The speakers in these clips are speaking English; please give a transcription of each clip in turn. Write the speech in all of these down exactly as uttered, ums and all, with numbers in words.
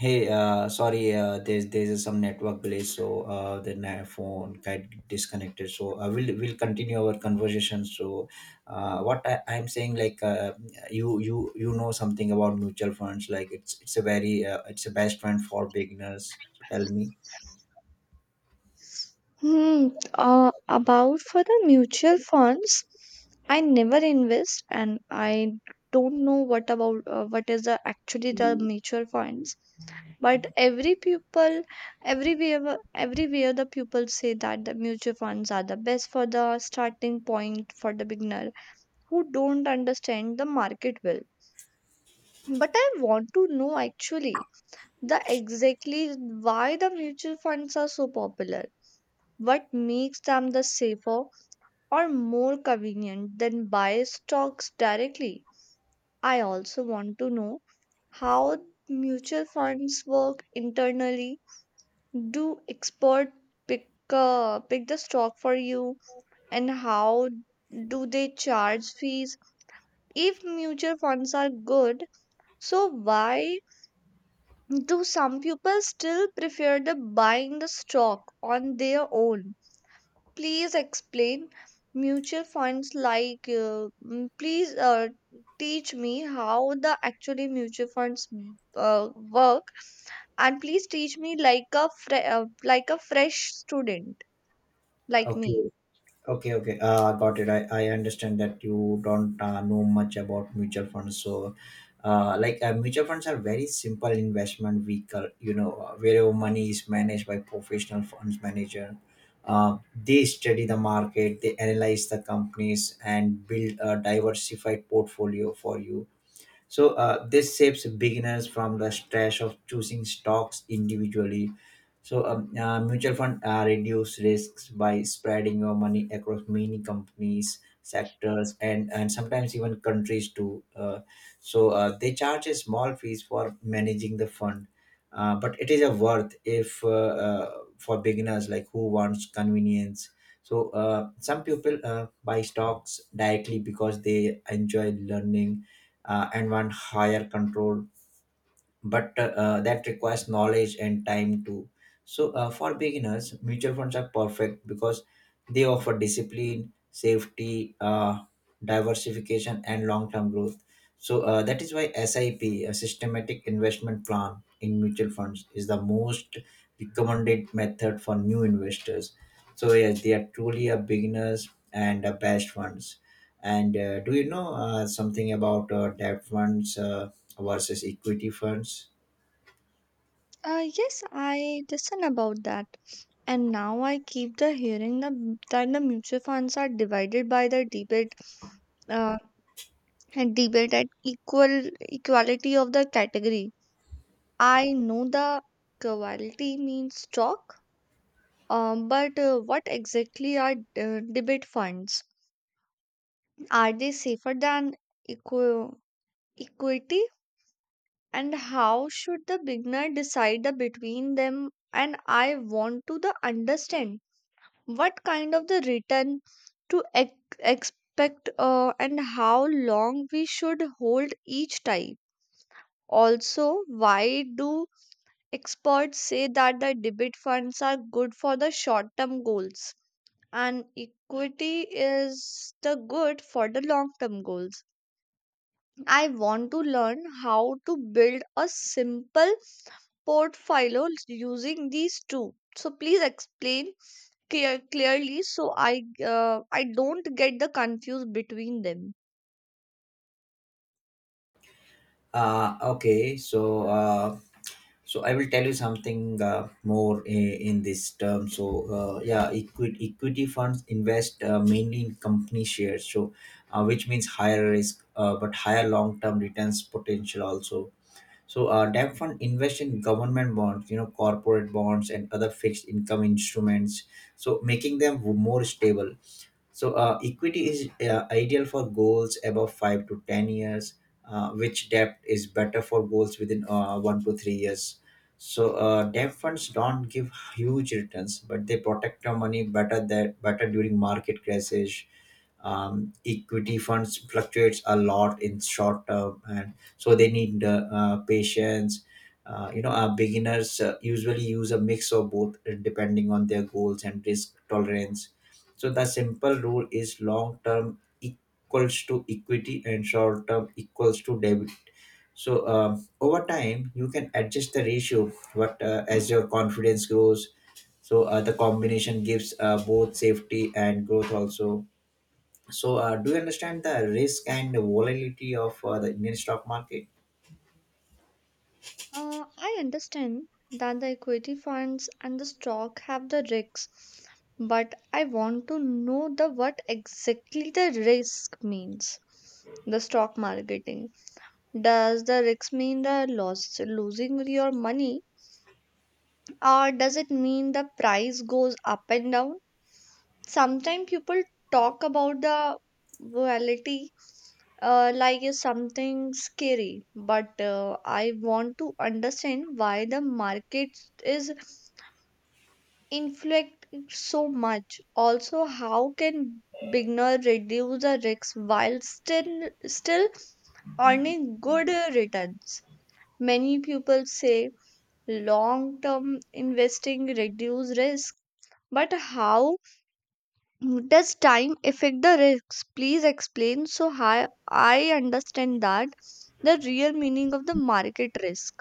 Hey, uh, sorry, uh, there's there's some network glitch, so uh, the na- phone got disconnected. So uh, we'll we'll continue our conversation. So, uh, what I, I'm saying, like uh, you you you know something about mutual funds, like it's it's a very uh, it's a best friend for beginners. So tell me. Hmm, uh, about for the mutual funds, I never invest and I don't know what about uh, what is the actually the mutual funds. But every people, everywhere, everywhere the people say that the mutual funds are the best for the starting point for the beginner who don't understand the market well. But I want to know actually the exactly why the mutual funds are so popular. What makes them the safer, or more convenient than buy stocks directly? I also want to know how mutual funds work internally. Do experts pick uh, pick the stock for you, and how do they charge fees? If mutual funds are good, so why do some people still prefer the buying the stock on their own? Please explain mutual funds like, uh, mm, please uh, teach me how the actually mutual funds mm, uh, work, and please teach me like a fre- uh, like a fresh student like me. Okay, okay. Uh, got it. I, I understand that you don't uh, know much about mutual funds. So, uh, like uh, mutual funds are very simple investment vehicle. You know, uh, where money is managed by professional funds manager. Uh, they study the market, they analyze the companies, and build a diversified portfolio for you so uh, this saves beginners from the stress of choosing stocks individually. So um, uh, mutual fund uh, reduce risks by spreading your money across many companies, sectors, and and sometimes even countries too. Uh, so uh, they charge a small fees for managing the fund, uh, but it is a worth if uh, uh, for beginners like who wants convenience. So uh, some people uh, buy stocks directly because they enjoy learning uh, and want higher control but uh, uh, that requires knowledge and time too. So, uh, for beginners, mutual funds are perfect because they offer discipline, safety, uh, diversification, and long term growth. So, uh, that is why S I P, a systematic investment plan in mutual funds, is the most recommended method for new investors. So, yes, they are truly a beginners and a best funds. And uh, do you know uh, something about uh, debt funds? Uh, versus equity funds. Uh, yes, I listen about that. And now I keep the hearing the, that the mutual funds are divided by the debate uh, and debate at equal equality of the category. I know the quality means stock. Um, but uh, what exactly are uh, debit funds? Are they safer than equi- equity? And how should the beginner decide the between them? And I want to the understand what kind of the return to ex- expect uh, and how long we should hold each type. Also, why do experts say that the debit funds are good for the short term goals, and equity is the good for the long term goals? I want to learn how to build a simple portfolio using these two. So please explain clear, clearly so I uh, I don't get the confused between them. Uh, okay, so uh, so I will tell you something uh, more in, in this term. So uh, yeah, equity equity funds invest uh, mainly in company shares, so uh, which means higher risk uh, but higher long term returns potential also. So uh, debt fund invest in government bonds, you know, corporate bonds and other fixed income instruments, so making them more stable. So uh, equity is uh, ideal for goals above five to ten years, uh, which debt is better for goals within uh, one to three years. So uh, debt funds don't give huge returns, but they protect our money better that better during market crashes. um, equity funds fluctuates a lot in short term and so they need uh, uh, patience. uh, you know our beginners uh, usually use a mix of both uh, depending on their goals and risk tolerance, so the simple rule is long term equals to equity and short term equals to debit. So um, over time you can adjust the ratio but uh, as your confidence grows, so uh, the combination gives uh, both safety and growth also. So, uh, do you understand the risk and volatility of uh, the Indian stock market? Uh, I understand that the equity funds and the stock have the risks, but I want to know the what exactly the risk means. The stock marketing, does the risk mean the loss losing your money, or does it mean the price goes up and down? Sometimes people talk about the volatility uh, like it's something scary, but uh, I want to understand why the market is influenced so much. Also, how can beginner reduce the risks while still still earning good uh, returns? Many people say long term investing reduce risk. But how does time affect the risks? Please explain so hi- I understand that the real meaning of the market risk.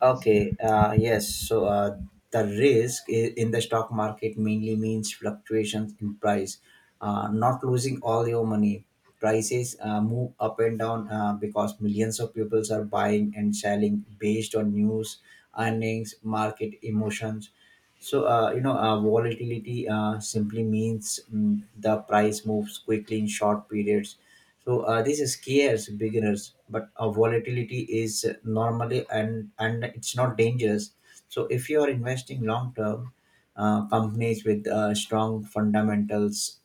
Okay, uh, yes. So, uh, the risk i- in the stock market mainly means fluctuations in price, uh, not losing all your money. Prices uh, move up and down uh, because millions of people are buying and selling based on news, earnings, market emotions. So, uh, you know, uh, volatility uh, simply means mm, the price moves quickly in short periods. So, uh, this scares beginners, but uh, volatility is normally and and it's not dangerous. So, if you are investing long term, uh, companies with uh, strong fundamentals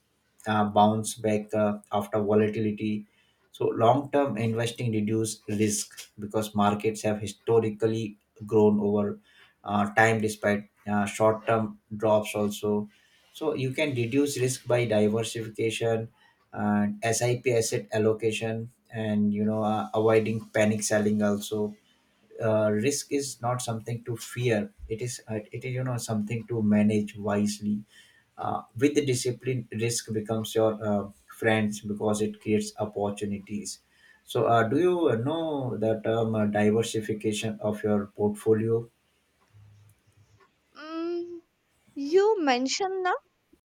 uh, bounce back uh, after volatility. So, long term investing reduce risk because markets have historically grown over uh, time despite uh, short term drops also. So you can reduce risk by diversification and S I P asset allocation and you know uh, avoiding panic selling also. Uh, risk is not something to fear. It is uh, it is you know something to manage wisely. Uh, with the discipline, risk becomes your uh, friends because it creates opportunities. So, uh, do you know the term uh, diversification of your portfolio? Mm, you mentioned the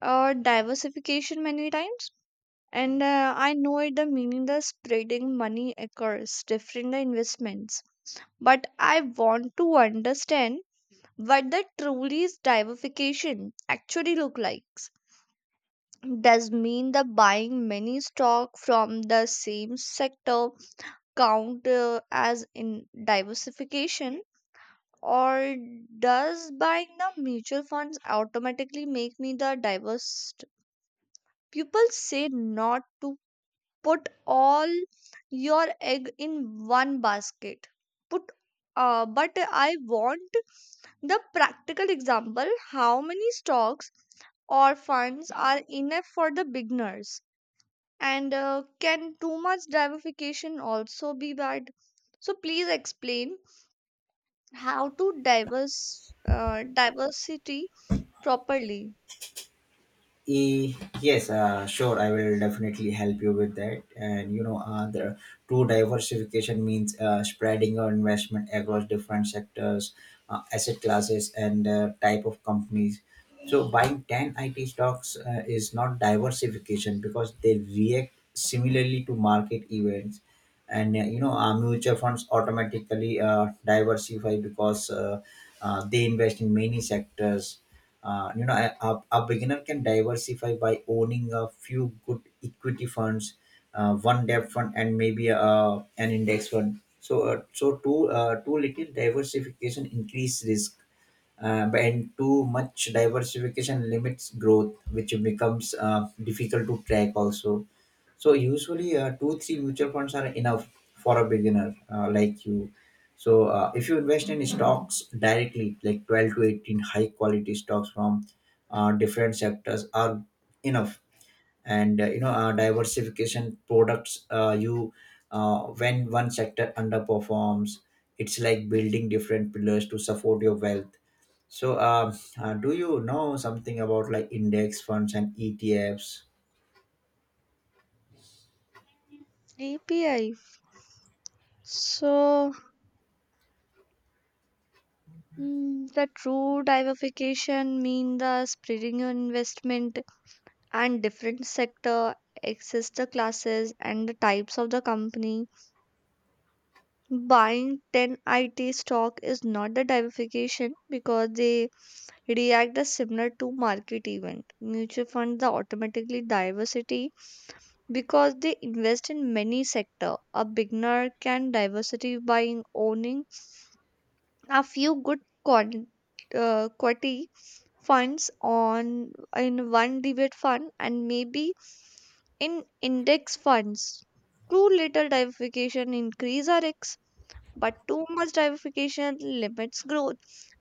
uh, diversification many times, and uh, I know it the meaning the spreading money across different investments. But I want to understand what the truly diversification actually look like. Does mean the buying many stock from the same sector count uh, as in diversification, or does buying the mutual funds automatically make me the diverse? People say not to put all your egg in one basket, put uh, but I want the practical example. How many stocks or funds are enough for the beginners? And uh, can too much diversification also be bad? So please explain how to diverse uh, diversity properly. E- yes, uh, sure. I will definitely help you with that. And you know, uh, the true diversification means uh, spreading your investment across different sectors, uh, asset classes, and uh, type of companies. So buying ten I T stocks uh, is not diversification because they react similarly to market events, and uh, you know, uh, mutual funds automatically uh, diversify because uh, uh, they invest in many sectors. Uh, you know a, a, a beginner can diversify by owning a few good equity funds, uh, one debt fund and maybe uh, an index fund, so uh, so too uh, too little diversification increase risk uh, but- and too much diversification limits growth which becomes uh, difficult to track also, so usually, uh, two three mutual funds are enough for a beginner uh, like you. So uh, if you invest in stocks directly, like twelve to eighteen high quality stocks from uh, different sectors are enough. And uh, you know, uh, diversification products. Uh, you uh, when one sector underperforms, it's like building different pillars to support your wealth. So, um, uh, do you know something about like index funds and E T Fs? A P I. So mm, the true diversification mean the spreading your investment and different sector, access the classes and the types of the company. Buying ten I T stock is not the diversification because they react as similar to market event. Mutual funds are automatically diversity because they invest in many sector. A beginner can diversity by owning a few good quantity uh, quality funds on in one debate fund and maybe in index funds. Too little diversification increase our risk. But too much diversification limits growth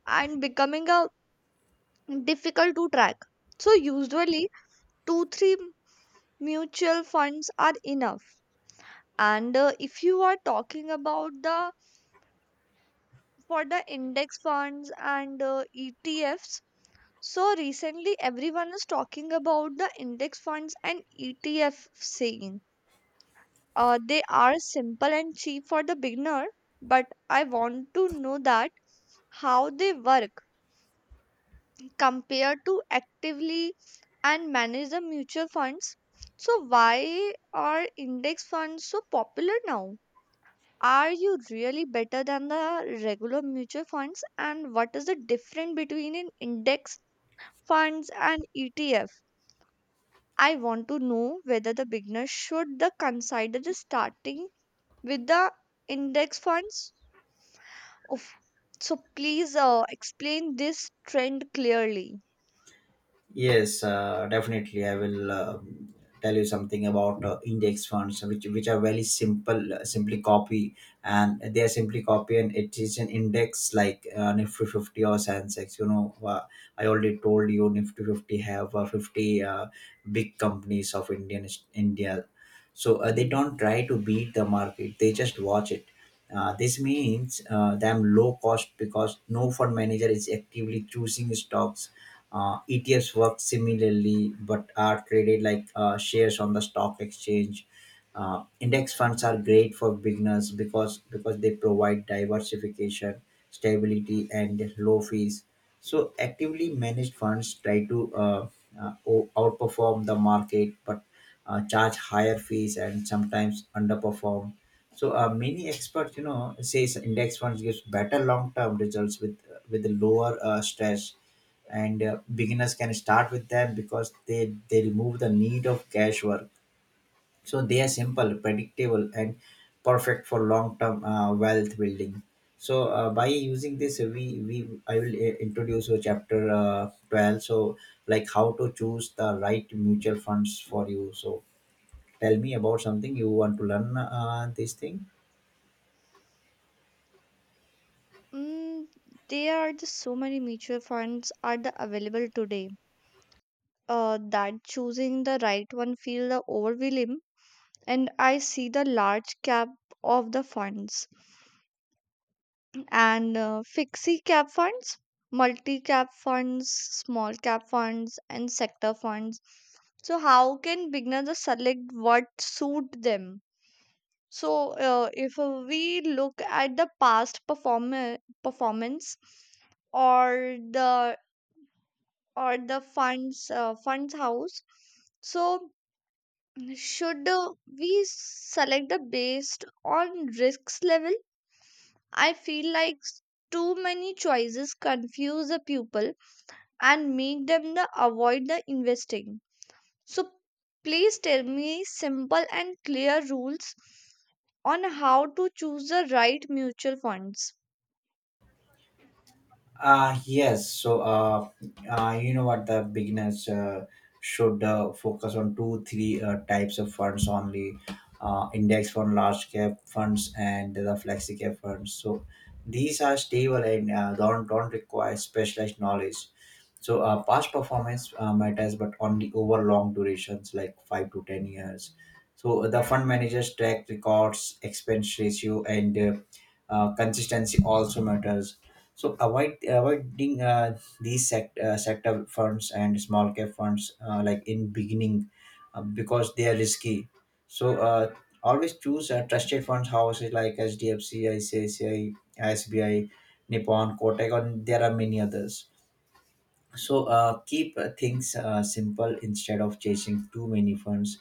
and becoming a difficult to track. So usually two three mutual funds are enough. And uh, if you are talking about the for the index funds and uh, E T Fs, so recently everyone is talking about the index funds and E T F scene. Uh, they are simple and cheap for the beginner, but I want to know that how they work compare to actively and manage the mutual funds. So, why are index funds so popular now? Are you really better than the regular mutual funds? And what is the difference between an index funds and E T F? I want to know whether the beginner should the consider the starting with the index funds. Of so please uh, explain this trend clearly. Yes, uh, definitely. I will um, tell you something about uh, index funds, which which are very simple. Uh, simply copy, and they are simply copy, and it is an index like uh, Nifty Fifty or Sensex. You know, uh, I already told you Nifty Fifty have uh, fifty uh, big companies of Indian India, so uh, they don't try to beat the market. They just watch it. Uh, this means uh, them low cost because no fund manager is actively choosing stocks. uh, E T Fs work similarly but are traded like uh, shares on the stock exchange. Uh, index funds are great for beginners because because they provide diversification, stability, and low fees. So actively managed funds try to uh, uh, o- outperform the market, but uh, charge higher fees and sometimes underperform. So uh, many experts, you know, says index funds gives better long-term results with with lower uh, stress, and uh, beginners can start with them because they they remove the need of cash work, so they are simple, predictable, and perfect for long term uh, wealth building. So uh, by using this uh, we we I will uh, introduce a chapter uh, twelve, so like how to choose the right mutual funds for you. So tell me about something you want to learn uh, this thing. Mm, there are just so many mutual funds are the available today uh, that choosing the right one feel the overwhelming, and I see the large cap of the funds and uh, fixie cap funds, multi cap funds, small cap funds and sector funds. So how can beginners just select what suit them? So uh, if uh, we look at the past perform performance or the or the funds uh, funds house, so should uh, we select the based on risks level? I feel like s- too many choices confuse the pupil and make them the avoid the investing. So please tell me simple and clear rules on how to choose the right mutual funds. Uh, yes. So, uh, uh, you know what, the beginners uh, should uh, focus on two, three uh, types of funds only: uh, index fund, large cap funds, and the flexi cap funds. So, these are stable and uh, don't don't require specialized knowledge. So, uh, past performance uh, matters, but only over long durations, like five to ten years. So, the fund managers track records, expense ratio, and uh, uh, consistency also matters, so avoid avoiding uh, these sect, uh, sector funds and small cap funds uh, like in beginning uh, because they are risky. So uh, always choose uh, trusted funds houses like H D F C, I C I C I, S B I, Nippon, Kotak, and there are many others. So uh, keep uh, things uh, simple instead of chasing too many funds.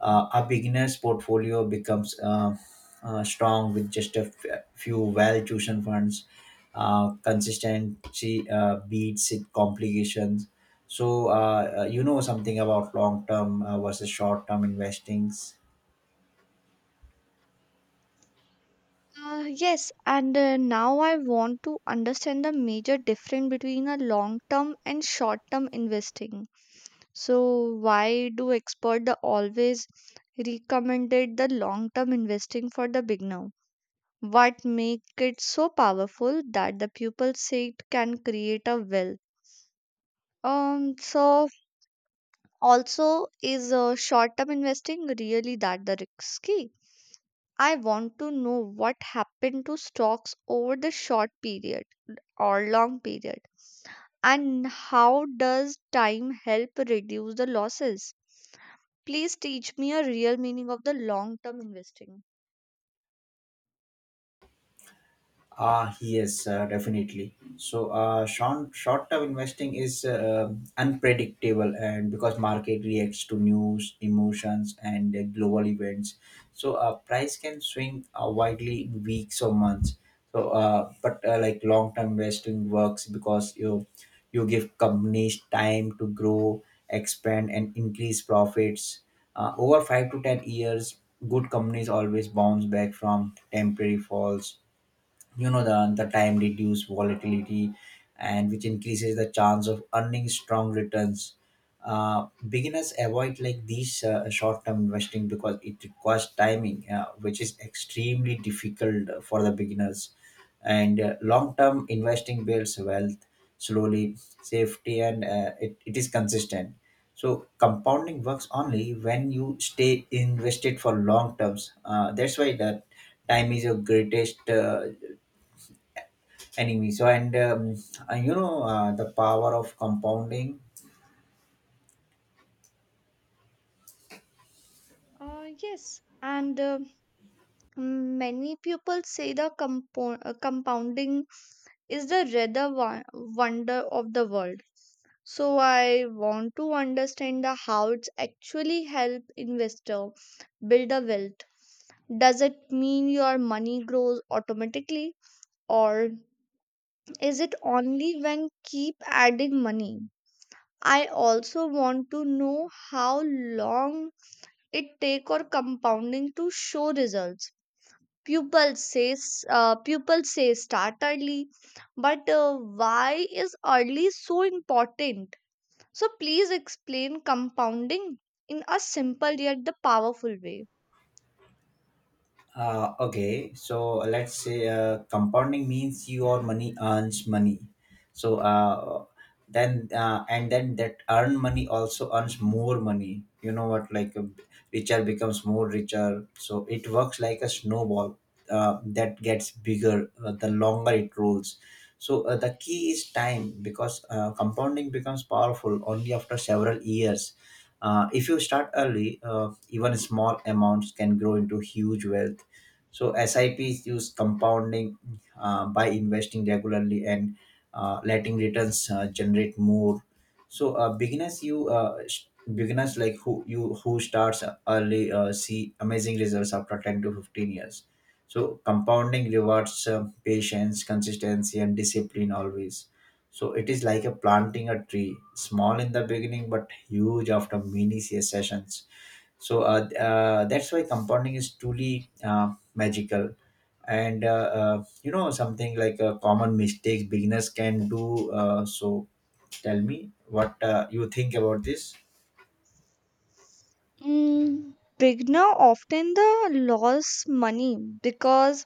uh, a beginner's portfolio becomes uh, uh, strong with just a f- few well-chosen funds. Uh, consistency uh, beats it complications. So uh, uh, you know something about long-term uh, versus short-term investings. Uh, yes, and uh, now I want to understand the major difference between a long term and short term investing. So, why do experts always recommended the long term investing for the beginner? What make it so powerful that the pupil say it can create a wealth? Um, so also is uh, short term investing really that the risky? I want to know what happened to stocks over the short period or long period, and how does time help reduce the losses? Please teach me a real meaning of the long term investing. Ah, yes, uh, definitely. So, uh, short short term investing is uh, unpredictable, and because market reacts to news, emotions, and uh, global events, so uh, price can swing uh, widely in weeks or months. So, uh, but uh, like Long term investing works because you you give companies time to grow, expand, and increase profits. Uh, over five to ten years, good companies always bounce back from temporary falls. You know the, the time reduce volatility and which increases the chance of earning strong returns. uh, beginners avoid like these uh, short-term investing because it requires timing uh, which is extremely difficult for the beginners, and uh, long-term investing builds wealth slowly, safety, and uh, it, it is consistent. So compounding works only when you stay invested for long terms. uh, that's why that time is your greatest uh, anyway. So and um, uh, you know uh, the power of compounding. Uh, yes, and uh, many people say the compo- uh, compounding is the rather wo- wonder of the world. So I want to understand the how it's actually help investor build a wealth. Does it mean your money grows automatically, or is it only when keep adding money? I also want to know how long it take or compounding to show results. Pupil says uh, pupil says, start early, but uh, why is early so important? So please explain compounding in a simple yet the powerful way. Uh, okay, so let's say uh, compounding means your money earns money. So uh, then uh, and then that earned money also earns more money. You know what? Like uh, richer becomes more richer. So it works like a snowball uh, that gets bigger uh, the longer it rolls. So uh, the key is time because uh, compounding becomes powerful only after several years. Uh, if you start early, uh, even small amounts can grow into huge wealth. So S I Ps use compounding uh, by investing regularly and uh, letting returns uh, generate more. So uh, beginners, you uh, sh- beginners like who you who starts early uh, see amazing results after ten to fifteen years. So compounding rewards uh, patience, consistency, and discipline always. So it is like a planting a tree, small in the beginning but huge after many sessions, so uh, uh, that's why compounding is truly uh, magical. And uh, uh, you know something like a common mistakes beginners can do, uh, so tell me what uh, you think about this. Mm, Beginner often the loss money because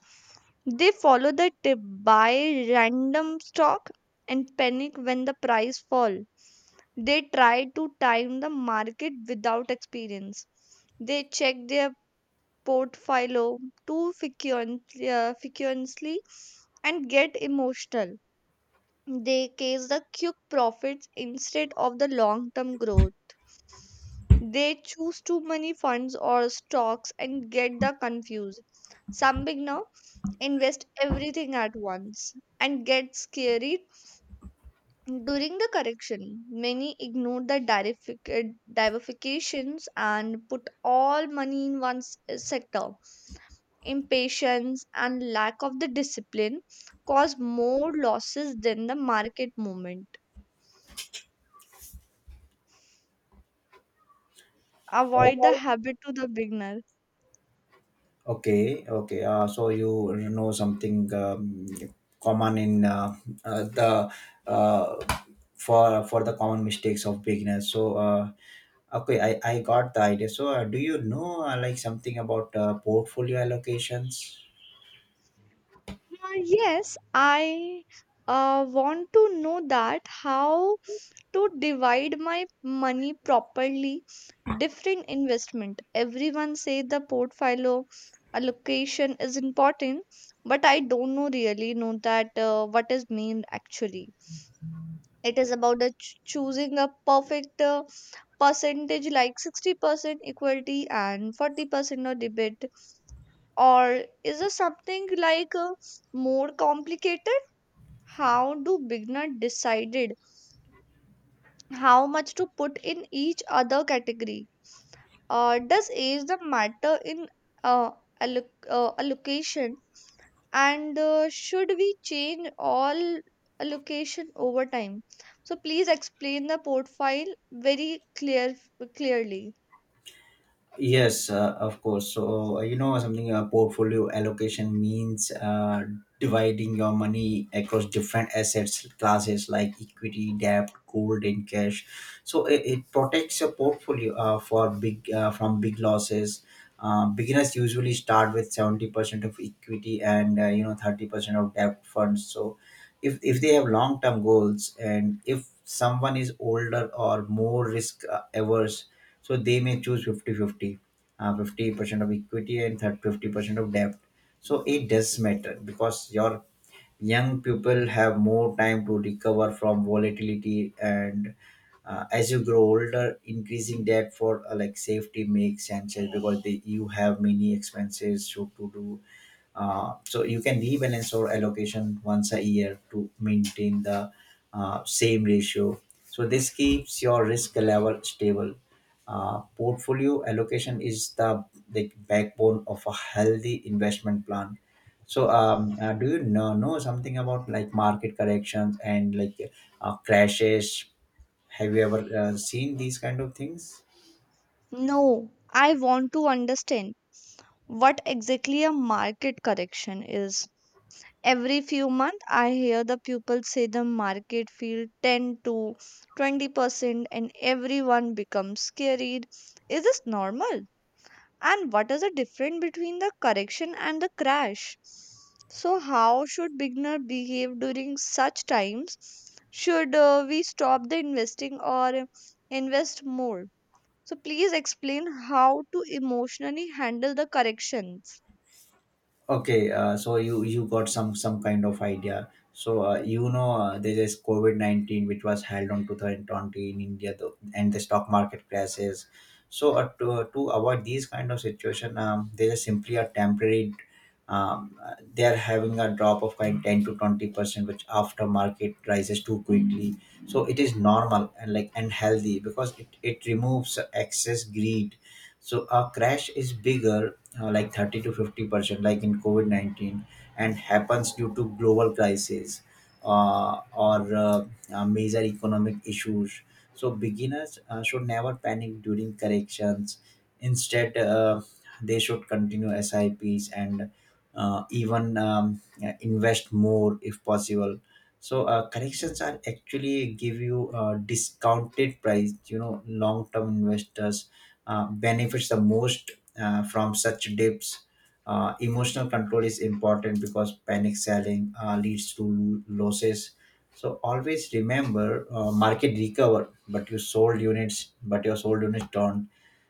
they follow the tip, buy random stock, and panic when the price fall. They try to time the market without experience. They check their portfolio too frequently, uh, frequently and get emotional. They chase the quick profits instead of the long term growth. They choose too many funds or stocks and get the confused. Some beginner invest everything at once and get scared during the correction. Many ignore the derifi- uh, diversifications and put all money in one s- sector. Impatience and lack of the discipline cause more losses than the market movement. Avoid the habit to the beginner. Okay, okay, uh, so you know something, um, common in uh, uh, the uh, for for the common mistakes of beginners, so uh, okay, I, I got the idea. So uh, do you know uh, like something about uh, portfolio allocations? Uh, yes, I uh, want to know that how to divide my money properly different investment. Everyone say the portfolio allocation is important, but I don't know really know that uh, what is mean actually. It is about the ch- choosing a perfect uh, percentage like sixty percent equality and forty percent of debate. Or is it something like uh, more complicated? How do beginner decided how much to put in each other category? Uh, does age the matter in uh, alloc- uh, allocation, and uh, should we change all allocation over time? So please explain the portfolio very clear clearly. Yes, uh, of course. So, uh, you know, something a portfolio allocation means uh, dividing your money across different assets classes like equity, debt, gold, and cash. So it, it protects your portfolio uh, for big uh, from big losses. Uh, beginners usually start with seventy percent of equity, and uh, you know, thirty percent of debt funds. So if if they have long term goals, and if someone is older or more risk uh, averse, so they may choose fifty fifty, 50 uh, fifty percent of equity and thirty fifty percent of debt. So it does matter because your young people have more time to recover from volatility, and uh, as you grow older, increasing that for uh, like safety makes sense, uh, because they, you have many expenses to, to do. uh, so you can rebalance your allocation once a year to maintain the uh, same ratio, so this keeps your risk level stable. uh, portfolio allocation is the, the backbone of a healthy investment plan. So, um, uh, do you know, know something about like market corrections and like uh, crashes? Have you ever uh, seen these kind of things? No, I want to understand what exactly a market correction is. Every few months, I hear the people say the market fell ten to twenty percent, and everyone becomes scared. Is this normal? And what is the difference between the correction and the crash? So, how should beginner behave during such times? Should uh, we stop the investing or invest more? So, please explain how to emotionally handle the corrections. Okay, uh, so you you got some some kind of idea. So uh, you know, uh, there is COVID nineteen which was held on two thousand twenty in India, though, and the stock market crashes. So uh, to uh, to avoid these kind of situation, um, there is simply a temporary. Um, uh, they are having a drop of kind ten to twenty percent, which after market rises too quickly. So it is normal and like and healthy because it it removes excess greed. So a crash is bigger, uh, like thirty to fifty percent, like in COVID nineteen, and happens due to global crisis, uh, or uh, uh, major economic issues. So beginners uh, should never panic during corrections. Instead, uh, they should continue S I Ps and uh, even um, uh, invest more if possible. So uh, corrections are actually give you uh, discounted price, you know, long term investors uh, benefits the most uh, from such dips. Uh, emotional control is important because panic selling uh, leads to lo- losses. So always remember, uh, market recover, but you sold units, but your sold units don't.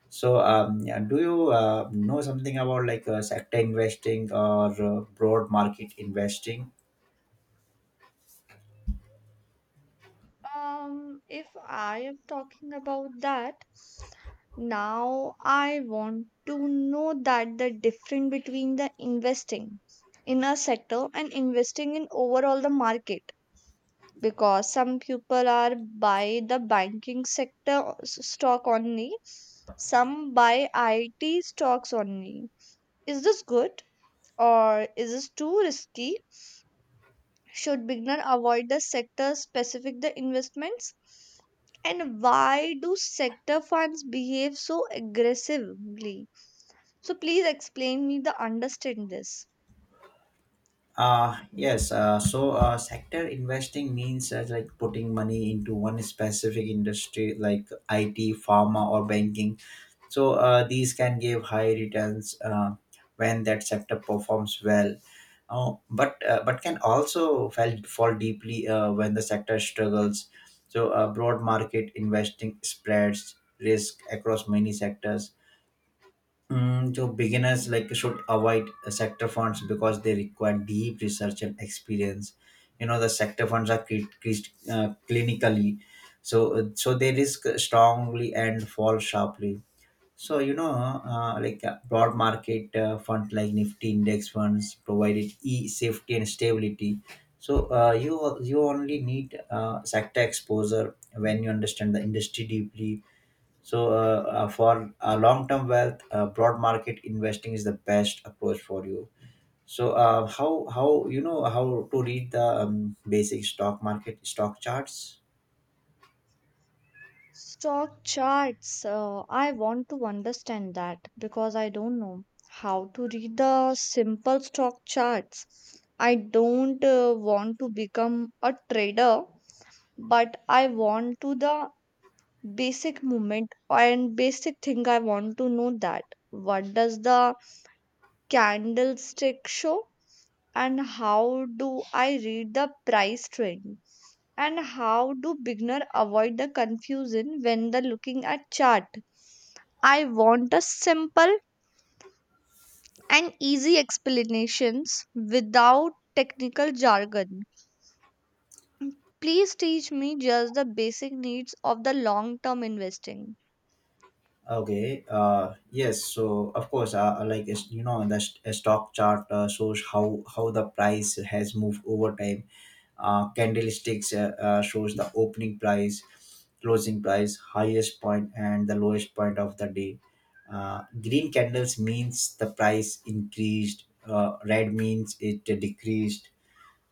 So um, yeah, do you uh, know something about like uh, sector investing or uh, broad market investing? Um, if I am talking about that, now I want to know that the difference between the investing in a sector and investing in overall the market, because some people are buy the banking sector s- stock only, some buy it stocks only. Is this good, or is this too risky? Should beginner avoid the sector specific the investments, and why do sector funds behave so aggressively? So please explain me the understand this. Uh, yes. Uh, so uh, sector investing means uh, like putting money into one specific industry like I T, pharma, or banking. So uh, these can give high returns uh, when that sector performs well. Oh, but uh, but can also fall, fall deeply uh, when the sector struggles. So uh, broad market investing spreads risk across many sectors. Mm, so beginners like should avoid uh, sector funds because they require deep research and experience. You know the sector funds are cre- cre- uh, clinically, so uh, so they risk strongly and fall sharply. So you know, uh, like uh, broad market uh, funds like Nifty index funds provided e safety and stability. So uh, you you only need uh, sector exposure when you understand the industry deeply. So uh, uh, for uh, long term wealth, uh, broad market investing is the best approach for you. So uh, how how you know how to read the um, basic stock market stock charts? Stock charts, uh, I want to understand that because I don't know how to read the simple stock charts. I don't uh, want to become a trader, but I want to the basic movement and basic thing. I want to know that what does the candlestick show, and how do I read the price trend, and how do beginner avoid the confusion when they're looking at chart? I want a simple and easy explanations without technical jargon. Please teach me just the basic needs of the long term investing. Okay. Uh, yes. So of course, uh, uh, like it's- you know, the st- a stock chart uh, shows how how the price has moved over time. Uh, candlesticks uh, uh, shows the opening price, closing price, highest point, and the lowest point of the day. Uh, green candles means the price increased. Uh, red means it decreased,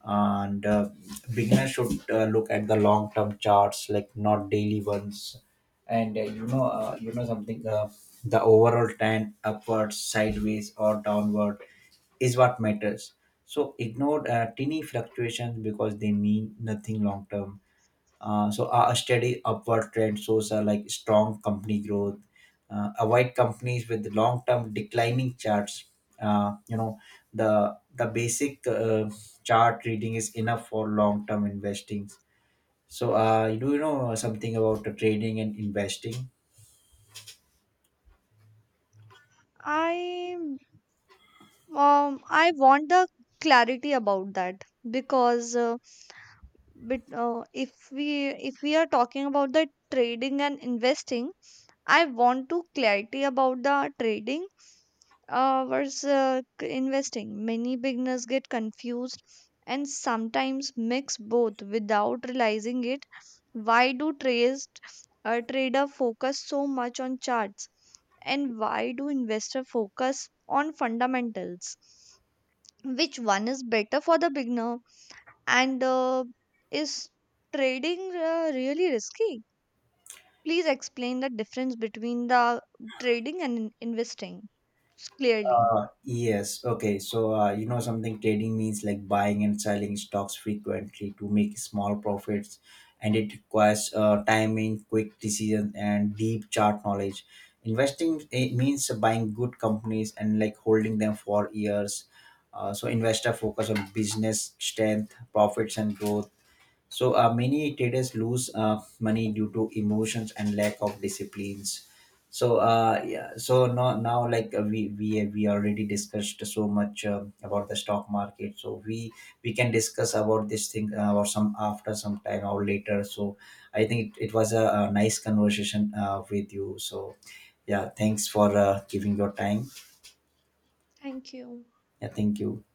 and uh, beginner should uh, look at the long term charts, like not daily ones, and uh, you know, uh, you know something, uh, the overall trend upwards sideways or downward is what matters. So ignore uh, teeny fluctuations because they mean nothing long term. uh, so a a steady upward trend shows a like strong company growth. Uh, avoid companies with long-term declining charts. Uh, you know, the the basic uh, chart reading is enough for long-term investing. So uh, you do you know something about the trading and investing? I um I want the clarity about that because uh, but, uh, if we if we are talking about the trading and investing, I want to clarity about the trading uh, versus uh, c- investing. Many beginners get confused and sometimes mix both without realizing it. Why do trades uh, trader focus so much on charts, and why do investor focus on fundamentals? Which one is better for the beginner, and uh, is trading uh, really risky? Please explain the difference between the trading and in- investing clearly. Uh, yes. Okay. So, uh, you know, something trading means like buying and selling stocks frequently to make small profits, and it requires uh, timing, quick decision, and deep chart knowledge. Investing it means buying good companies and like holding them for years. Uh, so, investor focus on business strength, profits, and growth. So uh, many traders lose uh, money due to emotions and lack of disciplines. So uh, yeah, so now, now like uh, we, we we already discussed so much uh, about the stock market. So we we can discuss about this thing uh, or some after some time or later. So I think it, it was a, a nice conversation uh, with you. So yeah, thanks for uh, giving your time. Thank you. Yeah, thank you.